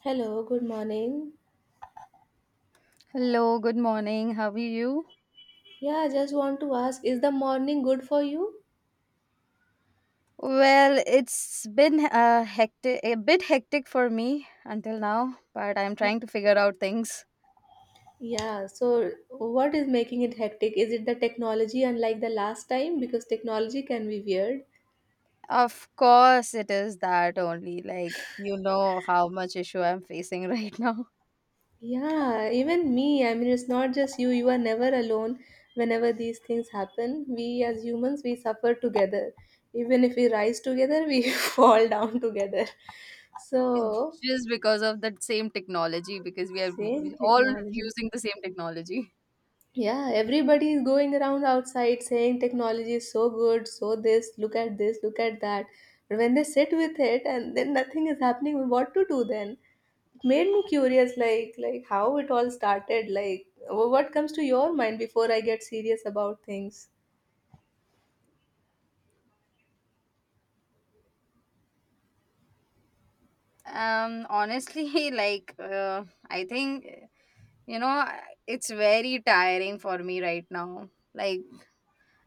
Hello, good morning. Hello, good morning. How are you? Yeah, I just want to ask, is the morning good for you? Well, it's been a bit hectic for me until now, but I'm trying to figure out things. Yeah, so what is making it hectic? Is it the technology unlike the last time? Because technology can be weird. Of course, it is that only, like, you know how much issue I'm facing right now. Yeah, even me. I mean, it's not just you. You are never alone whenever these things happen. We as humans, we suffer together. Even if we rise together, we fall down together. It's So, just because of that same technology because we are same all technology. using the same technology. Yeah, everybody is going around outside saying technology is so good, so this, look at that. But when they sit with it and then nothing is happening, what to do then? It made me curious, like how it all started. Like, what comes to your mind before I get serious about things? Honestly, I think you know it's very tiring for me right now. Like,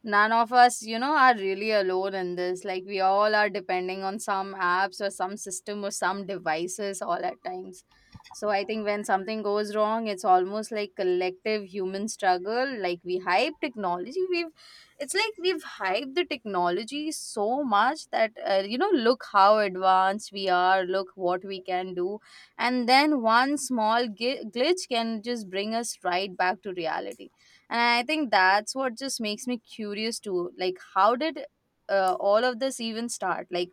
none of us, you know, are really alone in this. Like, we all are depending on some apps or some system or some devices all at times. So I think when something goes wrong, it's almost like collective human struggle. Like, we hype technology we've it's like we've hyped the technology so much that, you know, look how advanced we are, look what we can do. And then one small glitch can just bring us right back to reality. And I think that's what just makes me curious too, like, how did, all of this even start? Like,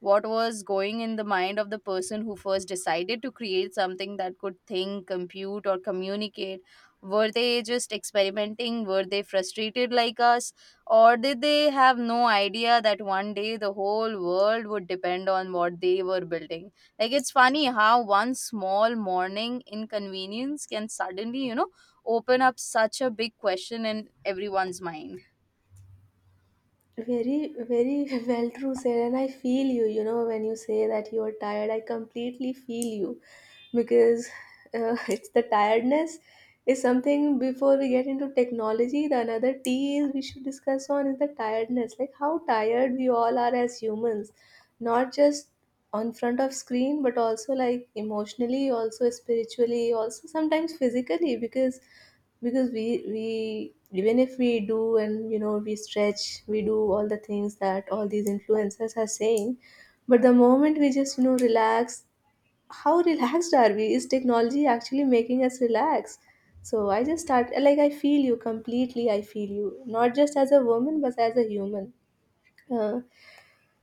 what was going in the mind of the person who first decided to create something that could think, compute, or communicate? Were they just experimenting? Were they frustrated like us? Or did they have no idea that one day the whole world would depend on what they were building? Like, it's funny how one small morning inconvenience can suddenly, you know, open up such a big question in everyone's mind. Very, very well true, sir. And I feel you, when you say that you are tired, I completely feel you because it's the tiredness is something before we get into technology. The another T is we should discuss on is the tiredness, like how tired we all are as humans, not just on front of screen, but also like emotionally, also spiritually, also sometimes physically, because we even if we do, and we stretch, we do all the things that all these influencers are saying. But the moment we just relax, how relaxed are we? Is technology actually making us relax? So I just start, like, I feel you completely. I feel you not just as a woman but as a human. Uh,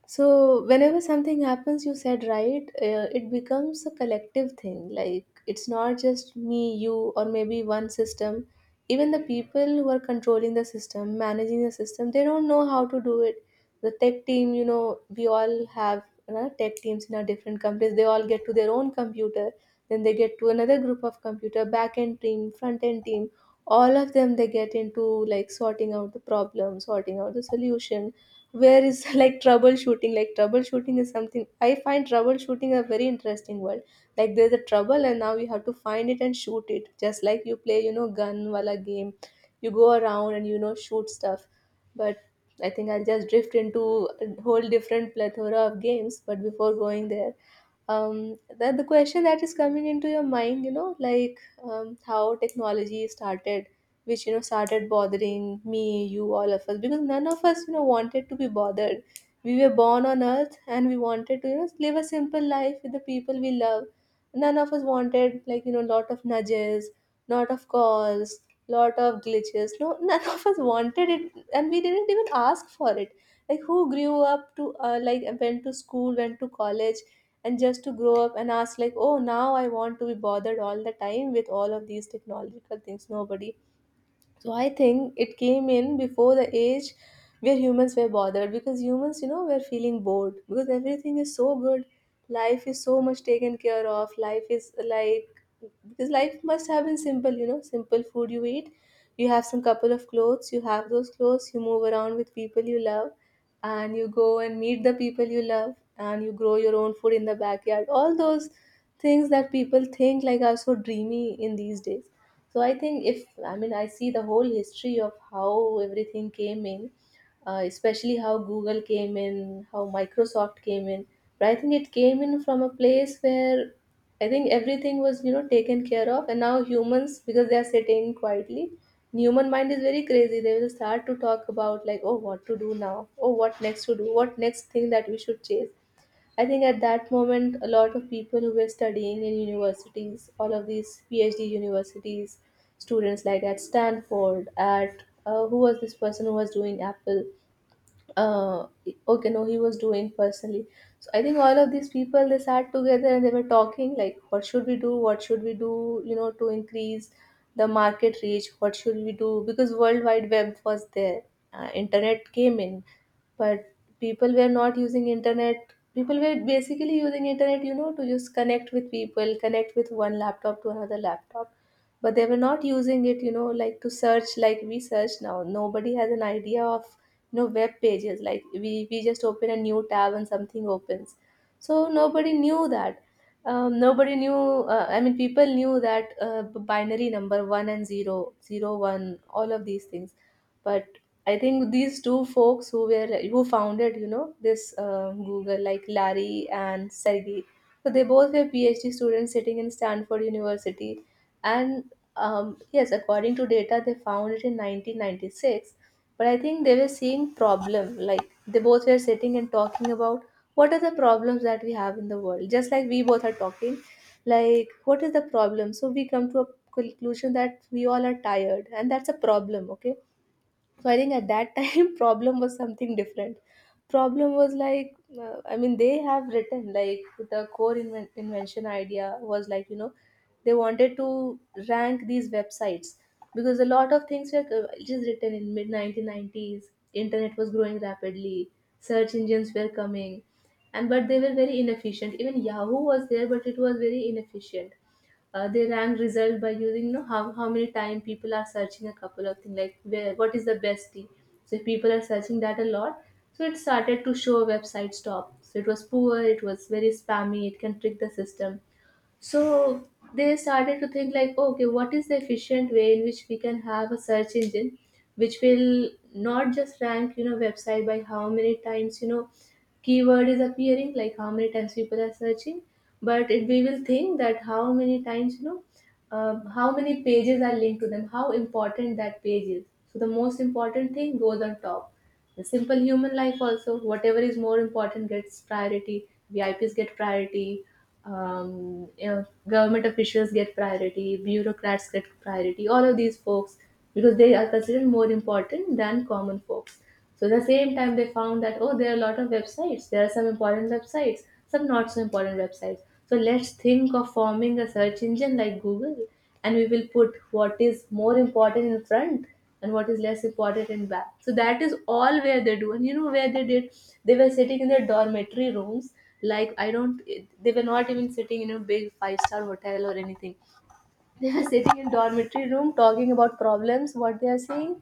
so whenever something happens, you said right, it becomes a collective thing. Like it's not just me, you, or maybe one system. Even the people who are controlling the system, managing the system, they don't know how to do it. The tech team, we all have tech teams in our different companies. They all get to their own computer, then they get to another group of computer, back end team, front end team. All of them, they get into, like, sorting out the problem, sorting out the solution. Where is like troubleshooting, like troubleshooting is something I find? Troubleshooting, a very interesting world. Like, there's a trouble and now you have to find it and shoot it, just like you play, gun wala game. You go around and, shoot stuff. But I think I'll just drift into a whole different plethora of games. But before going there, that the question that is coming into your mind, like, how technology started, which, started bothering me, you, all of us, because none of us, wanted to be bothered. We were born on earth and we wanted to, live a simple life with the people we love. None of us wanted, like, lot of nudges, lot of calls, lot of glitches. No, none of us wanted it, and we didn't even ask for it. Like, who grew up to, like, went to school, went to college, and just to grow up and ask like, oh, now I want to be bothered all the time with all of these technological things? Nobody. So I think it came in before the age where humans were bothered, because humans, were feeling bored because everything is so good. Life is so much taken care of. Life is like, because life must have been simple, simple food you eat. You have some couple of clothes, you have those clothes, you move around with people you love, and you go and meet the people you love, and you grow your own food in the backyard. All those things that people think like are so dreamy in these days. So I think, if, I mean, I see the whole history of how everything came in, especially how Google came in, how Microsoft came in. But I think it came in from a place where, I think, everything was, taken care of, and now humans, because they are sitting quietly. Human mind is very crazy. They will start to talk about like, oh, what to do now? Oh, what next to do? What next thing that we should chase? I think at that moment, a lot of people who were studying in universities, all of these PhD universities, students like at Stanford, at who was this person who was doing Apple? uh okay, no, he was doing personally. So I think all of these people, they sat together and they were talking like, what should we do? What should we do, to increase the market reach? What should we do? Because world wide web was there. Internet came in, but people were not using internet. People were basically using internet, to just connect with people, connect with one laptop to another laptop. But they were not using it, like to search, like we search now. Nobody has an idea of, web pages. Like we just open a new tab and something opens. So nobody knew that. Nobody knew, I mean, people knew that, binary number 1 and zero, 0 1, all of these things. But I think these two folks who founded, this Google, like Larry and Sergey. So they both were PhD students sitting in Stanford University. And yes, according to data, they found it in 1996. But I think they were seeing problem. Like, they both were sitting and talking about what are the problems that we have in the world. Just like we both are talking, like what is the problem? So we come to a conclusion that we all are tired, and that's a problem. Okay, so I think at that time problem was something different. Problem was like, I mean, they have written like, the core invention idea was like, they wanted to rank these websites, because a lot of things were, just written in mid 1990s. Internet was growing rapidly, search engines were coming, and but they were very inefficient. Even Yahoo was there, but it was very inefficient. They rank result by using, how many time people are searching a couple of things, like where, what is the best tea. So if people are searching that a lot, so it started to show websites top. So it was poor, it was very spammy, it can trick the system. So they started to think like, oh, okay, what is the efficient way in which we can have a search engine, which will not just rank, website by how many times, keyword is appearing, like how many times people are searching. But we will think that how many times, how many pages are linked to them, how important that page is. So the most important thing goes on top. The simple human life also, whatever is more important gets priority. VIPs get priority. Government officials get priority, bureaucrats get priority, all of these folks, because they are considered more important than common folks. So at the same time, they found that, oh, there are a lot of websites. There are some important websites, some not so important websites. So let's think of forming a search engine like Google, and we will put what is more important in front and what is less important in back. So that is all where they do. And you know where they did? They were sitting in their dormitory rooms. Like, I don't, they were not even sitting in a big five-star hotel or anything. They were sitting in dormitory room talking about problems, what they are seeing.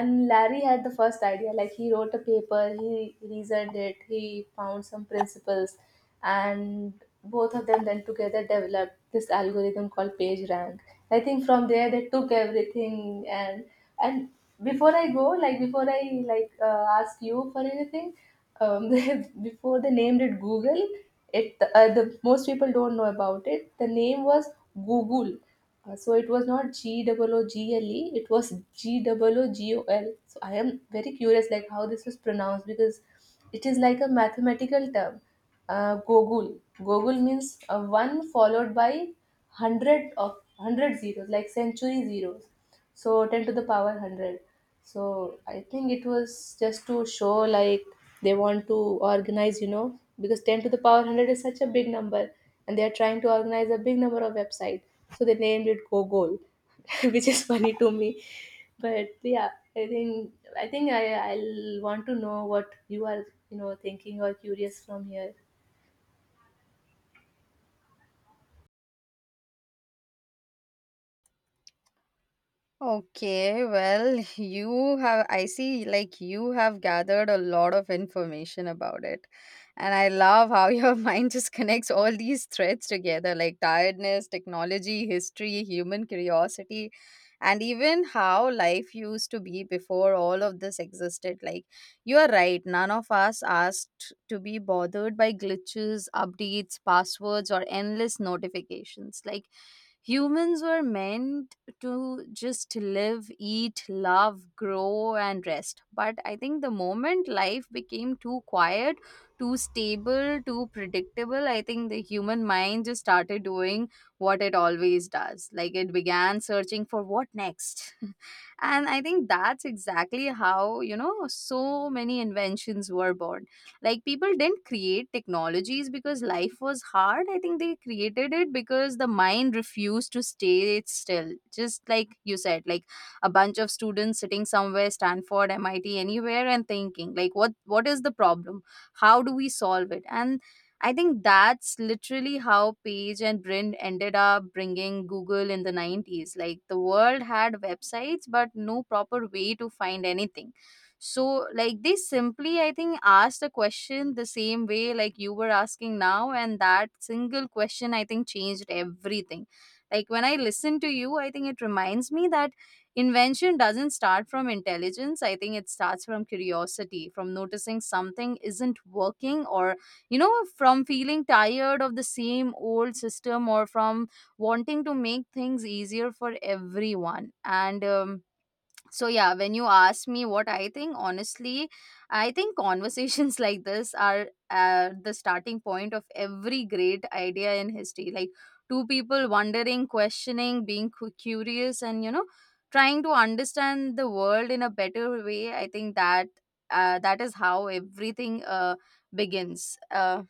And Larry had the first idea. Like, he wrote a paper, he reasoned it, he found some principles, and both of them then together developed this algorithm called PageRank. I think from there, they took everything, and before I go, like before I, like, ask you for anything, before they named it Google. It The most people don't know about it. The name was Google. So it was not GOOGLE, it was GOOGOL. So I am very curious like how this was pronounced, because it is like a mathematical term. Gogul. Gogul means one followed by hundred of hundred zeros, like century zeros. So 10 to the power 100. So I think it was just to show like they want to organize, you know, because 10 to the power 100 is such a big number and they are trying to organize a big number of website, so they named it gogol which is funny to me. But yeah, i think I think I'll want to know what you are, you know, thinking or curious from here. Okay, well, you have, I see, like, you have gathered a lot of information about it. And I love how your mind just connects all these threads together, like tiredness, technology, history, human curiosity, and even how life used to be before all of this existed. Like, you are right, none of us asked to be bothered by glitches, updates, passwords, or endless notifications. Like, humans were meant to just live, eat, love, grow, and rest. But I think the moment life became too quiet, too stable, too predictable, I think the human mind just started doing what it always does. Like, it began searching for what next. And I think that's exactly how, you know, so many inventions were born. Like, people didn't create technologies because life was hard. I think they created it because the mind refused to stay still, just like you said. Like, a bunch of students sitting somewhere, Stanford, MIT, anywhere, and thinking like, what is the problem, how do we solve it? And I think that's literally how Page and Brin ended up bringing Google in the 90s. Like, the world had websites, but no proper way to find anything. So, like, they simply, I think, asked a question the same way, like, you were asking now. And that single question, I think, changed everything. Like, when I listen to you, I think it reminds me that invention doesn't start from intelligence. I think it starts from curiosity, from noticing something isn't working, or, you know, from feeling tired of the same old system, or from wanting to make things easier for everyone. So yeah, when you ask me what I think, honestly, I think conversations like this are, the starting point of every great idea in history. Like, two people wondering, questioning, being curious, and, you know, trying to understand the world in a better way. I think that, that is how everything, begins.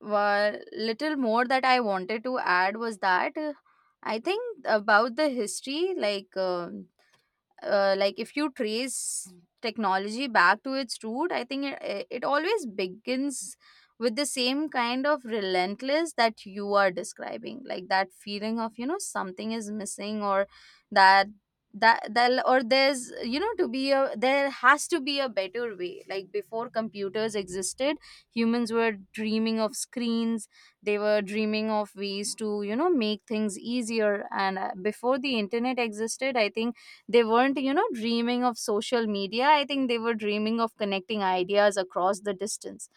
Well, little more that I wanted to add was that, I think about the history, like, if you trace technology back to its root, I think it always begins with the same kind of relentless that you are describing. Like, that feeling of, you know, something is missing, or that that that or there's, you know, to be a, there has to be a better way. Like, before computers existed, humans were dreaming of screens. They were dreaming of ways to, you know, make things easier. And, before the internet existed, I think they weren't, you know, dreaming of social media. I think they were dreaming of connecting ideas across the distance.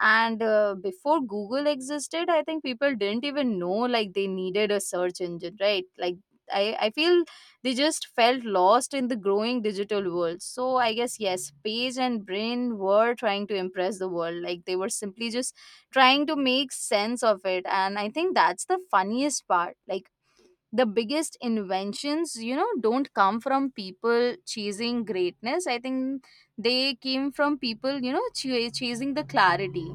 And, before Google existed, I think people didn't even know, like, they needed a search engine, right? Like, I feel they just felt lost in the growing digital world. So I guess yes, Page and Brain were trying to impress the world. Like, they were simply just trying to make sense of it. And I think that's the funniest part. Like, the biggest inventions, you know, don't come from people chasing greatness. I think they came from people, you know, chasing the clarity.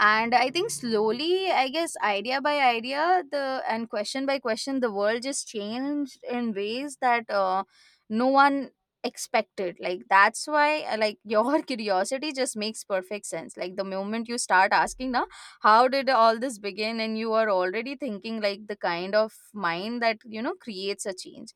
And I think slowly, I guess, idea by idea, the and question by question, the world just changed in ways that, no one expected. Like, that's why, like, your curiosity just makes perfect sense. Like, the moment you start asking now, how did all this begin, and you are already thinking like the kind of mind that, you know, creates a change.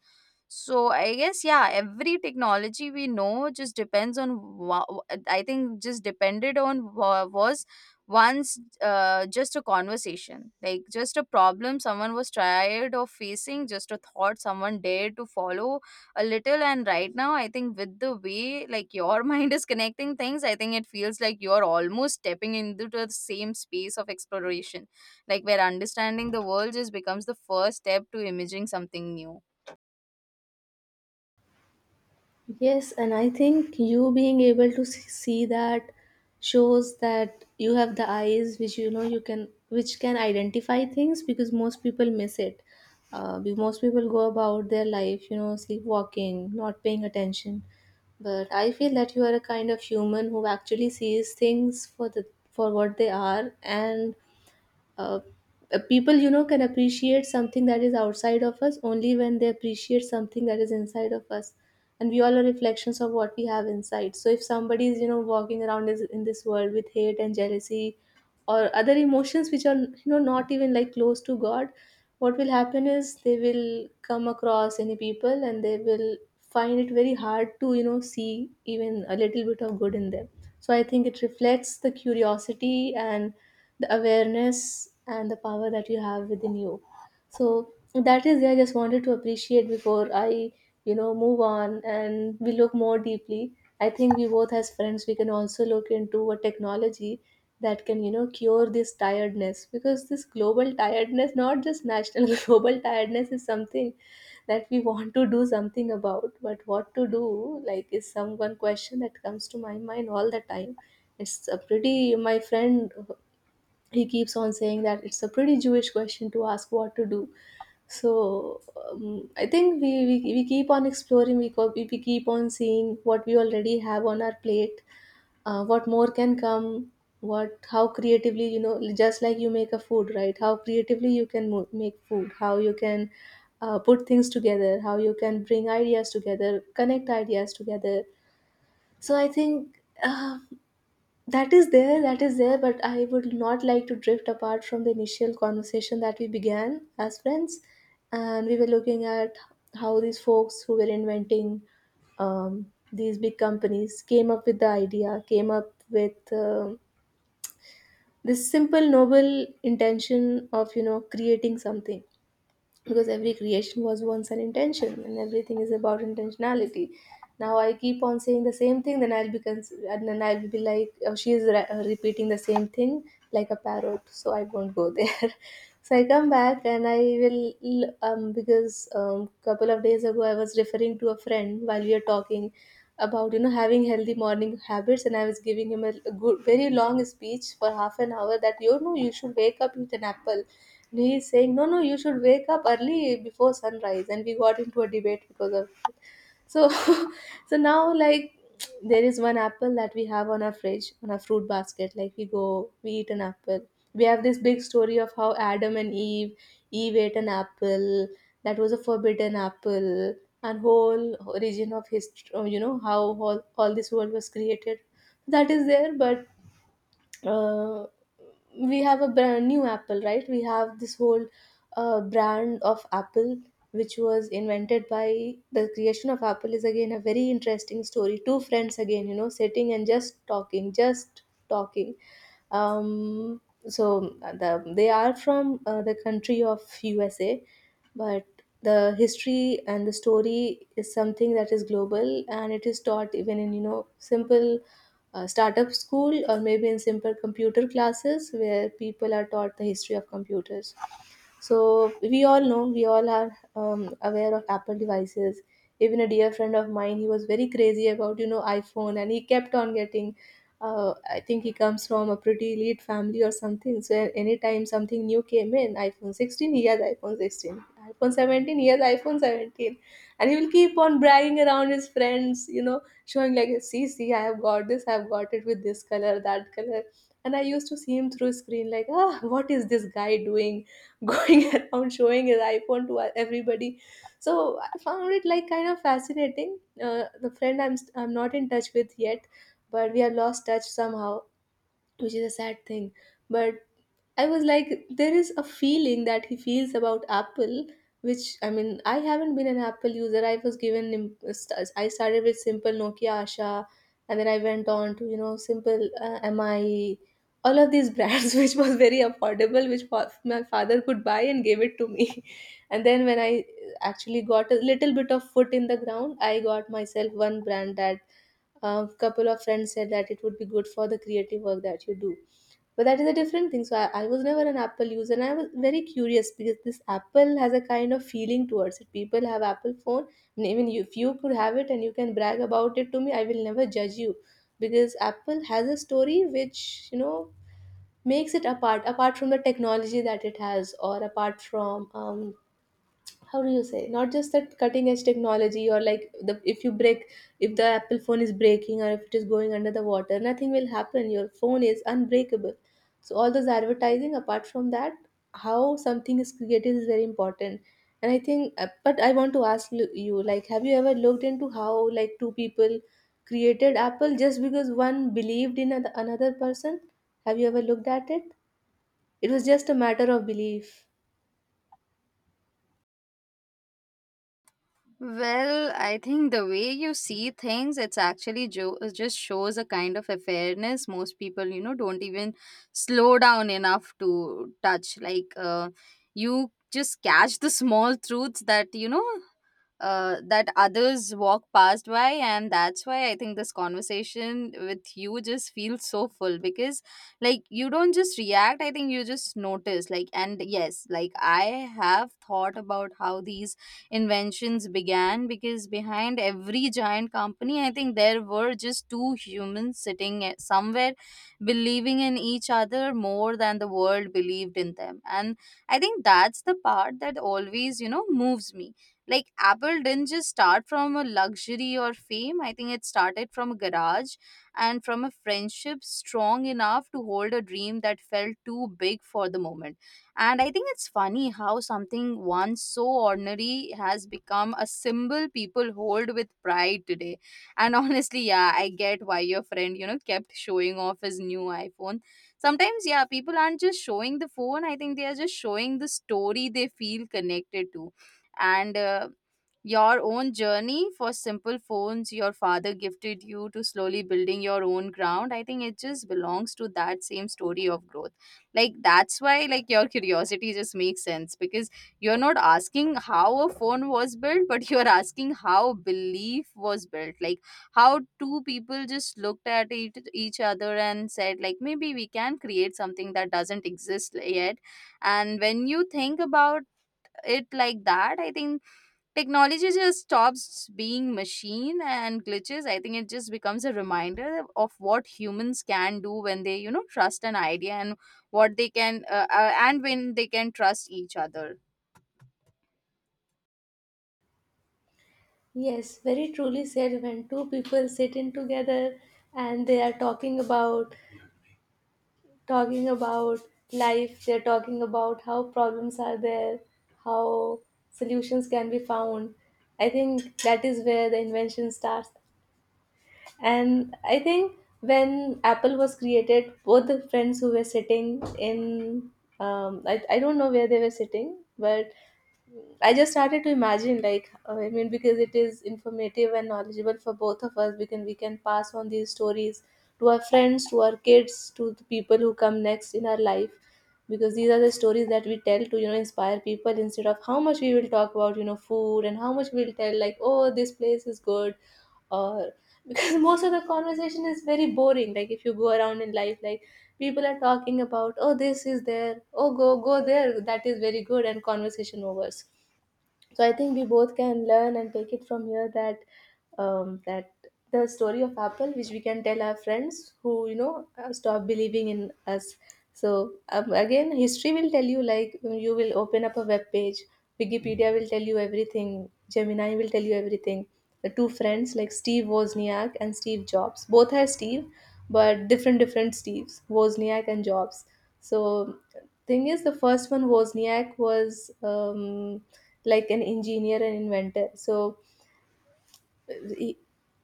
So I guess yeah, every technology we know just depends on I think just depended on was once, just a conversation, like, just a problem someone was tired of facing, just a thought someone dared to follow a little. And right now I think with the way, like, your mind is connecting things, I think it feels like you're almost stepping into the same space of exploration, like, where understanding the world just becomes the first step to imaging something new. Yes, and I think you being able to see that shows that you have the eyes which, you know, you can which can identify things, because most people miss it. Most people go about their life, you know, sleepwalking, not paying attention. But I feel that you are a kind of human who actually sees things for the for what they are. And uh, people, you know, can appreciate something that is outside of us only when they appreciate something that is inside of us. And we all are reflections of what we have inside. So if somebody is, you know, walking around is in this world with hate and jealousy or other emotions which are, you know, not even like close to god, what will happen is they will come across any people and they will find it very hard to, you know, see even a little bit of good in them. So I think it reflects the curiosity and the awareness and the power that you have within you. So that is, I just wanted to appreciate before I, you know, move on and we look more deeply. I think we both as friends we can also look into a technology that can, you know, cure this tiredness, because this global tiredness, not just national, global tiredness is something that we want to do something about. But what to do, like, is some one question that comes to my mind all the time. It's a pretty, my friend, he keeps on saying that it's a pretty Jewish question to ask what to do. So I think we keep on exploring, we, we keep on seeing what we already have on our plate, what more can come, what how creatively, you know, just like you make a food, right? How creatively you can make food, how you can, put things together, how you can bring ideas together, connect ideas together. So I think. That is there, but I would not like to drift apart from the initial conversation that we began as friends. And we were looking at how these folks who were inventing, these big companies came up with the idea, came up with, um, this simple, noble intention of, you know, creating something, because every creation was once an intention and everything is about intentionality. Now I keep on saying the same thing, then I'll be cons- and then I'll be like, oh, she is repeating the same thing like a parrot, so I won't go there. So I come back and I because couple of days ago I was referring to a friend while we were talking about, you know, having healthy morning habits, and I was giving him a good, very long speech for half an hour that, you know, you should wake up, eat an apple, and he is saying, no, no, you should wake up early before sunrise, and we got into a debate because of, so, so now, like, there is one apple that we have on our fridge, on our fruit basket. Like, we go, we eat an apple. We have this big story of how Adam and Eve, Eve ate an apple that was a forbidden apple, and whole origin of history. You know how all this world was created. That is there, but, uh, we have a brand new apple, right? We have this whole, brand of apple which was invented by the creation of apple is again a very interesting story. Two friends again, you know, sitting and just talking, just talking, um, so, they are from, the country of USA. But the history and the story is something that is global, and it is taught even in, you know, simple, startup school or maybe in simple computer classes where people are taught the history of computers. So we all know, we all are, aware of Apple devices. Even a dear friend of mine, he was very crazy about, you know, iPhone, and he kept on getting. I think he comes from a pretty elite family or something. So anytime something new came in, iPhone 16, he has iPhone 16. iPhone 17, he has iPhone 17, and he will keep on bragging around his friends, you know, showing like, see, see, I have got this, I have got it with this color, that color. And I used to see him through screen like, ah, what is this guy doing? Going around showing his iPhone to everybody. So I found it like kind of fascinating. Uh, the friend I'm not in touch with yet, but we have lost touch somehow, which is a sad thing. But I was like, there is a feeling that he feels about Apple, which, I mean, I haven't been an Apple user. I was given, I started with simple Nokia Asha, and then I went on to, you know, simple, MI, all of these brands, which was very affordable, which my father could buy and gave it to me. And then when I actually got a little bit of foot in the ground, I got myself one brand that a couple of friends said that it would be good for the creative work that you do, but that is a different thing. So I was never an Apple user, and I was very curious because this Apple has a kind of feeling towards it. People have Apple phone, and even if you could have it and you can brag about it to me, I will never judge you, because Apple has a story which, you know, makes it apart from the technology that it has, or apart from, how do you say, not just that cutting edge technology, or like the, if you break, if the Apple phone is breaking or if it is going under the water, nothing will happen, your phone is unbreakable. So all those advertising apart from that, how something is created is very important. And I think, but I want to ask you, like, have you ever looked into how like two people created Apple just because one believed in another person? Have you ever looked at it? It was just a matter of belief. Well, I think the way you see things, it's actually just shows a kind of a fairness. Most people, you know, don't even slow down enough to touch. Like, you just catch the small truths that, you know, that others walk past by. And that's why I think this conversation with you just feels so full, because, like, you don't just react, I think you just notice. Like, and yes, like, I have thought about how these inventions began, because behind every giant company, I think there were just two humans sitting somewhere, believing in each other more than the world believed in them. And I think that's the part that always, you know, moves me. Like, Apple didn't just start from a luxury or fame. I think it started from a garage and from a friendship strong enough to hold a dream that felt too big for the moment. And I think it's funny how something once so ordinary has become a symbol people hold with pride today. And honestly, yeah, I get why your friend, you know, kept showing off his new iPhone. Sometimes, yeah, people aren't just showing the phone. I think they are just showing the story they feel connected to. And, your own journey for simple phones your father gifted you to slowly building your own ground, I think it just belongs to that same story of growth. Like, that's why, like, your curiosity just makes sense because you're not asking how a phone was built, but you're asking how belief was built. Like, how two people just looked at each other and said, like, maybe we can create something that doesn't exist yet. And when you think about it like that, I think technology just stops being machine and glitches. I think it just becomes a reminder of what humans can do when they, you know, trust an idea, and what they can, and when they can trust each other. Yes, very truly said, when two people sit in together and they are talking about life, they're talking about how problems are there, how solutions can be found. I think that is where the invention starts. And I think when Apple was created, both the friends who were sitting in, I don't know where they were sitting, but I just started to imagine, like, I mean, because it is informative and knowledgeable for both of us, we, can, we can pass on these stories to our friends, to our kids, to the people who come next in our life. Because these are the stories that we tell to, you know, inspire people, instead of how much we will talk about, you know, food and how much we'll tell, like, oh, this place is good or because most of the conversation is very boring. Like if you go around in life, like, people are talking about, oh, this is there, oh, go go there, that is very good, and conversation overs. So I think we both can learn and take it from here that, that the story of Apple, which we can tell our friends who, you know, stop believing in us. So, again history will tell you, like, when you will open up a web page, Wikipedia will tell you everything, Gemini will tell you everything. The two friends, like, Steve Wozniak and Steve Jobs, both are Steve, but different different Steves, Wozniak and Jobs. So thing is, the first one, Wozniak, was, like an engineer and inventor. So he,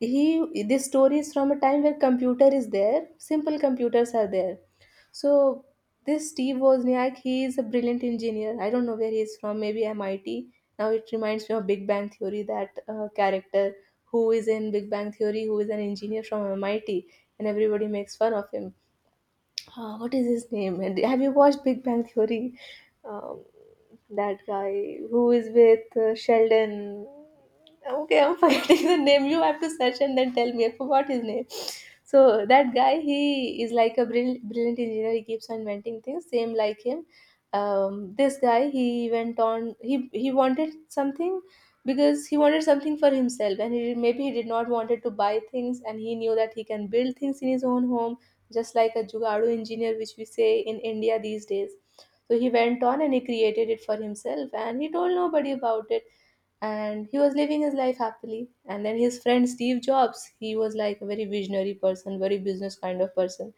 he this story is from a time where computer is there, simple computers are there. So this Steve Wozniak, he is a brilliant engineer. I don't know where he is from, maybe MIT. Now it reminds me of Big Bang Theory, that, character who is in Big Bang Theory, who is an engineer from MIT, and everybody makes fun of him, what is his name? And have you watched Big Bang Theory? Um, that guy who is with, Sheldon. Okay, I'm forgetting the name. You have to search and then tell me. I forgot his name. So that guy, he is like a brilliant engineer. He keeps on inventing things, same like him. This guy, he went on. He wanted something because he wanted something for himself, and maybe he did not wanted to buy things, and he knew that he can build things in his own home just like a Jugaad engineer, which we say in India these days. So he went on and he created it for himself and he told nobody about it, and he was living his life happily. And then his friend Steve Jobs, he was like a very visionary person, very business kind of person.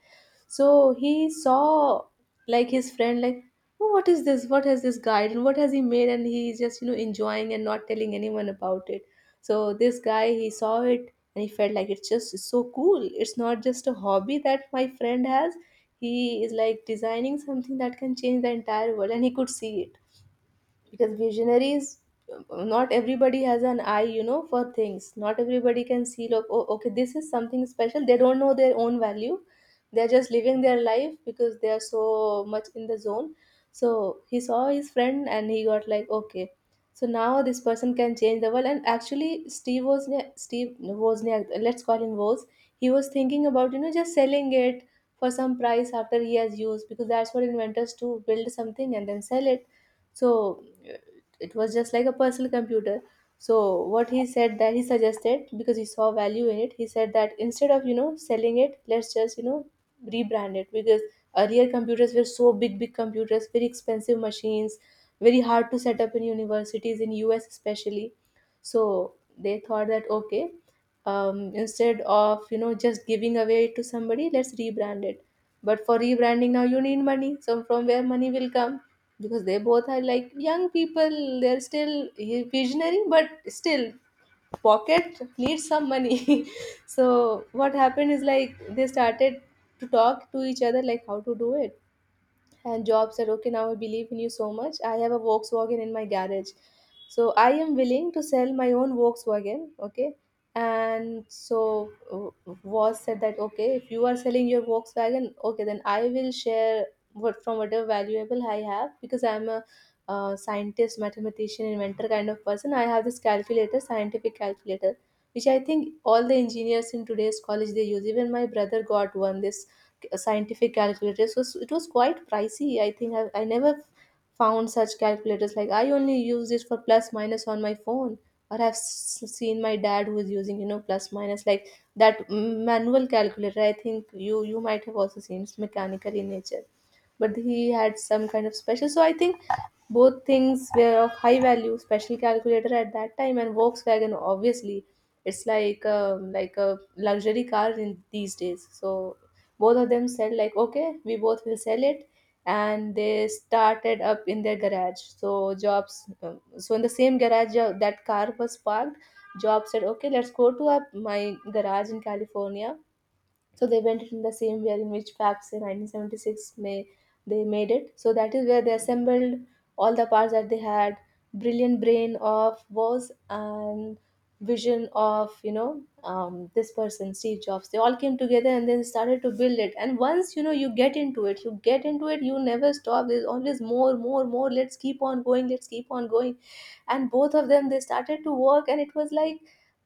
So he saw, like, his friend, like, "Oh, what is this? What has this guy, and what has he made? And he's just, enjoying and not telling anyone about it." So this guy, he saw it and he felt like it's just so cool. It's not just a hobby that my friend has, he is like designing something that can change the entire world. And he could see it because visionaries, not everybody has an eye, for things. Not everybody can see, look, oh, okay, this is something special. They don't know their own value. They're just living their life because they are so much in the zone. So he saw his friend and he got like, okay, so now this person can change the world. And actually, Steve Wozniak, let's call him Woz, he was thinking about, just selling it for some price after he has used, because that's what inventors do: build something and then sell it. So uh, it was just like a personal computer. So what he said, that he suggested, because he saw value in it, he said that instead of, selling it, let's just, rebrand it. Because earlier computers were so big, computers, very expensive machines, very hard to set up in universities, in US especially. So they thought that, okay, instead of, just giving away it to somebody, let's rebrand it. But for rebranding, now you need money, so from where money will come? Because they both are like young people, they're still visionary, but still, pocket needs some money. So what happened is, like, they started to talk to each other, like, how to do it. And Job said, okay, now I believe in you so much, I have a Volkswagen in my garage, so I am willing to sell my own Volkswagen, okay. And so Was said that okay, if you are selling your Volkswagen, okay, then I will share what, from whatever valuable I have, because I'm a scientist, mathematician, inventor kind of person. I have this calculator, scientific calculator, which I think all the engineers in today's college, they use. Even my brother got one, this scientific calculator. So it was quite pricey, I think. I never found such calculators. Like, I only use this for plus minus on my phone, or I've seen my dad who is using, plus minus, like that, manual calculator. I think you might have also seen, it's mechanical in nature. But he had some kind of special, so I think both things were of high value, special calculator at that time, and Volkswagen obviously, it's like a luxury car in these days. So both of them said like, okay, we both will sell it. And they started up in their garage. So Jobs, so in the same garage, that car was parked, Job said, okay, let's go to my garage in California. So they went in the same year, in which perhaps in 1976 May they made it. So that is where they assembled all the parts that they had. Brilliant brain of Was and vision of, this person Steve Jobs. They all came together and then started to build it. And once, you get into it, you get into it, you never stop. There's always more, more, more. Let's keep on going. Let's keep on going. And both of them, they started to work, and it was like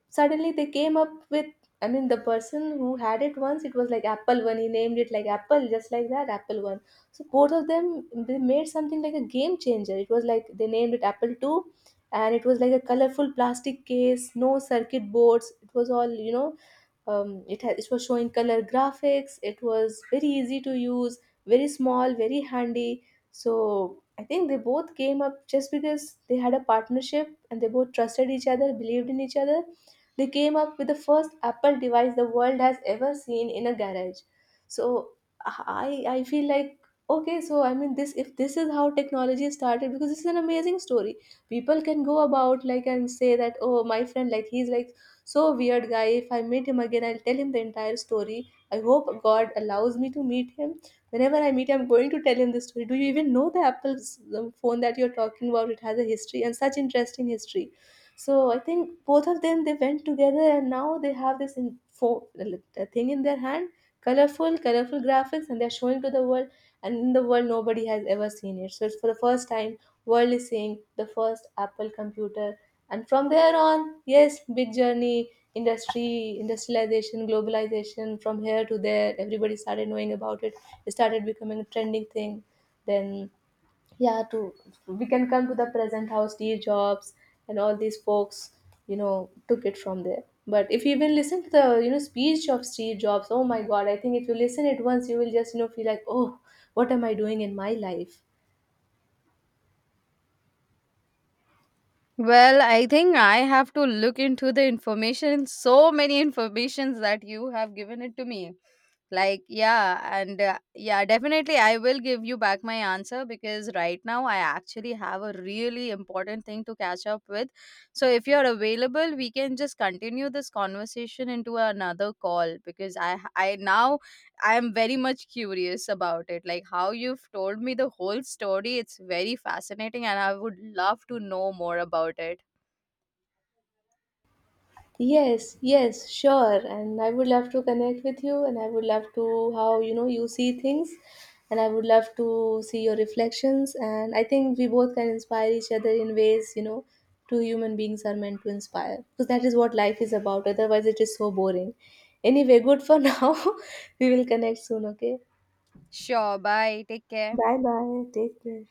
suddenly they came up with, I mean, the person who had it once, it was like Apple One. He named it like Apple, just like that, Apple One. So both of them, they made something like a game changer. It was like they named it Apple Two, and it was like a colorful plastic case, no circuit boards. It was all, it was showing color graphics. It was very easy to use, very small, very handy. So I think they both came up just because they had a partnership and they both trusted each other, believed in each other. They came up with the first Apple device the world has ever seen, in a garage. So I feel like, okay, so I mean, this, if this is how technology started, because this is an amazing story, people can go about like and say that, oh, my friend, like, he's like so weird guy. If I meet him again, I'll tell him the entire story. I hope God allows me to meet him. Whenever I meet him, I'm going to tell him the story. Do you even know the Apple's phone that you're talking about? It has a history, and such interesting history. So I think both of them, they went together, and now they have this in phone, thing in their hand, colorful, colorful graphics, and they're showing to the world. And in the world, nobody has ever seen it. So it's for the first time, world is seeing the first Apple computer. And from there on, yes, big journey, industry industrialization, globalization, from here to there, everybody started knowing about it. It started becoming a trending thing. Then, yeah, to, we can come to the present, how Steve Jobs and all these folks, took it from there. But if you even listen to the, speech of Steve Jobs, oh my god, I think if you listen it once, you will just, feel like, oh, what am I doing in my life? Well, I think I have to look into the information, so many informations that you have given it to me. Like, yeah, and, yeah, definitely I will give you back my answer because right now I actually have a really important thing to catch up with. So if you're available, we can just continue this conversation into another call because I now I am very much curious about it. Like, how you've told me the whole story, it's very fascinating and I would love to know more about it. Yes, yes, sure. And I would love to connect with you, and I would love to how, you see things, and I would love to see your reflections. And I think we both can inspire each other in ways, two human beings are meant to inspire, because that is what life is about. Otherwise, it is so boring. Anyway, good for now. We will connect soon, okay? Sure, bye. Take care. Bye bye. Take care.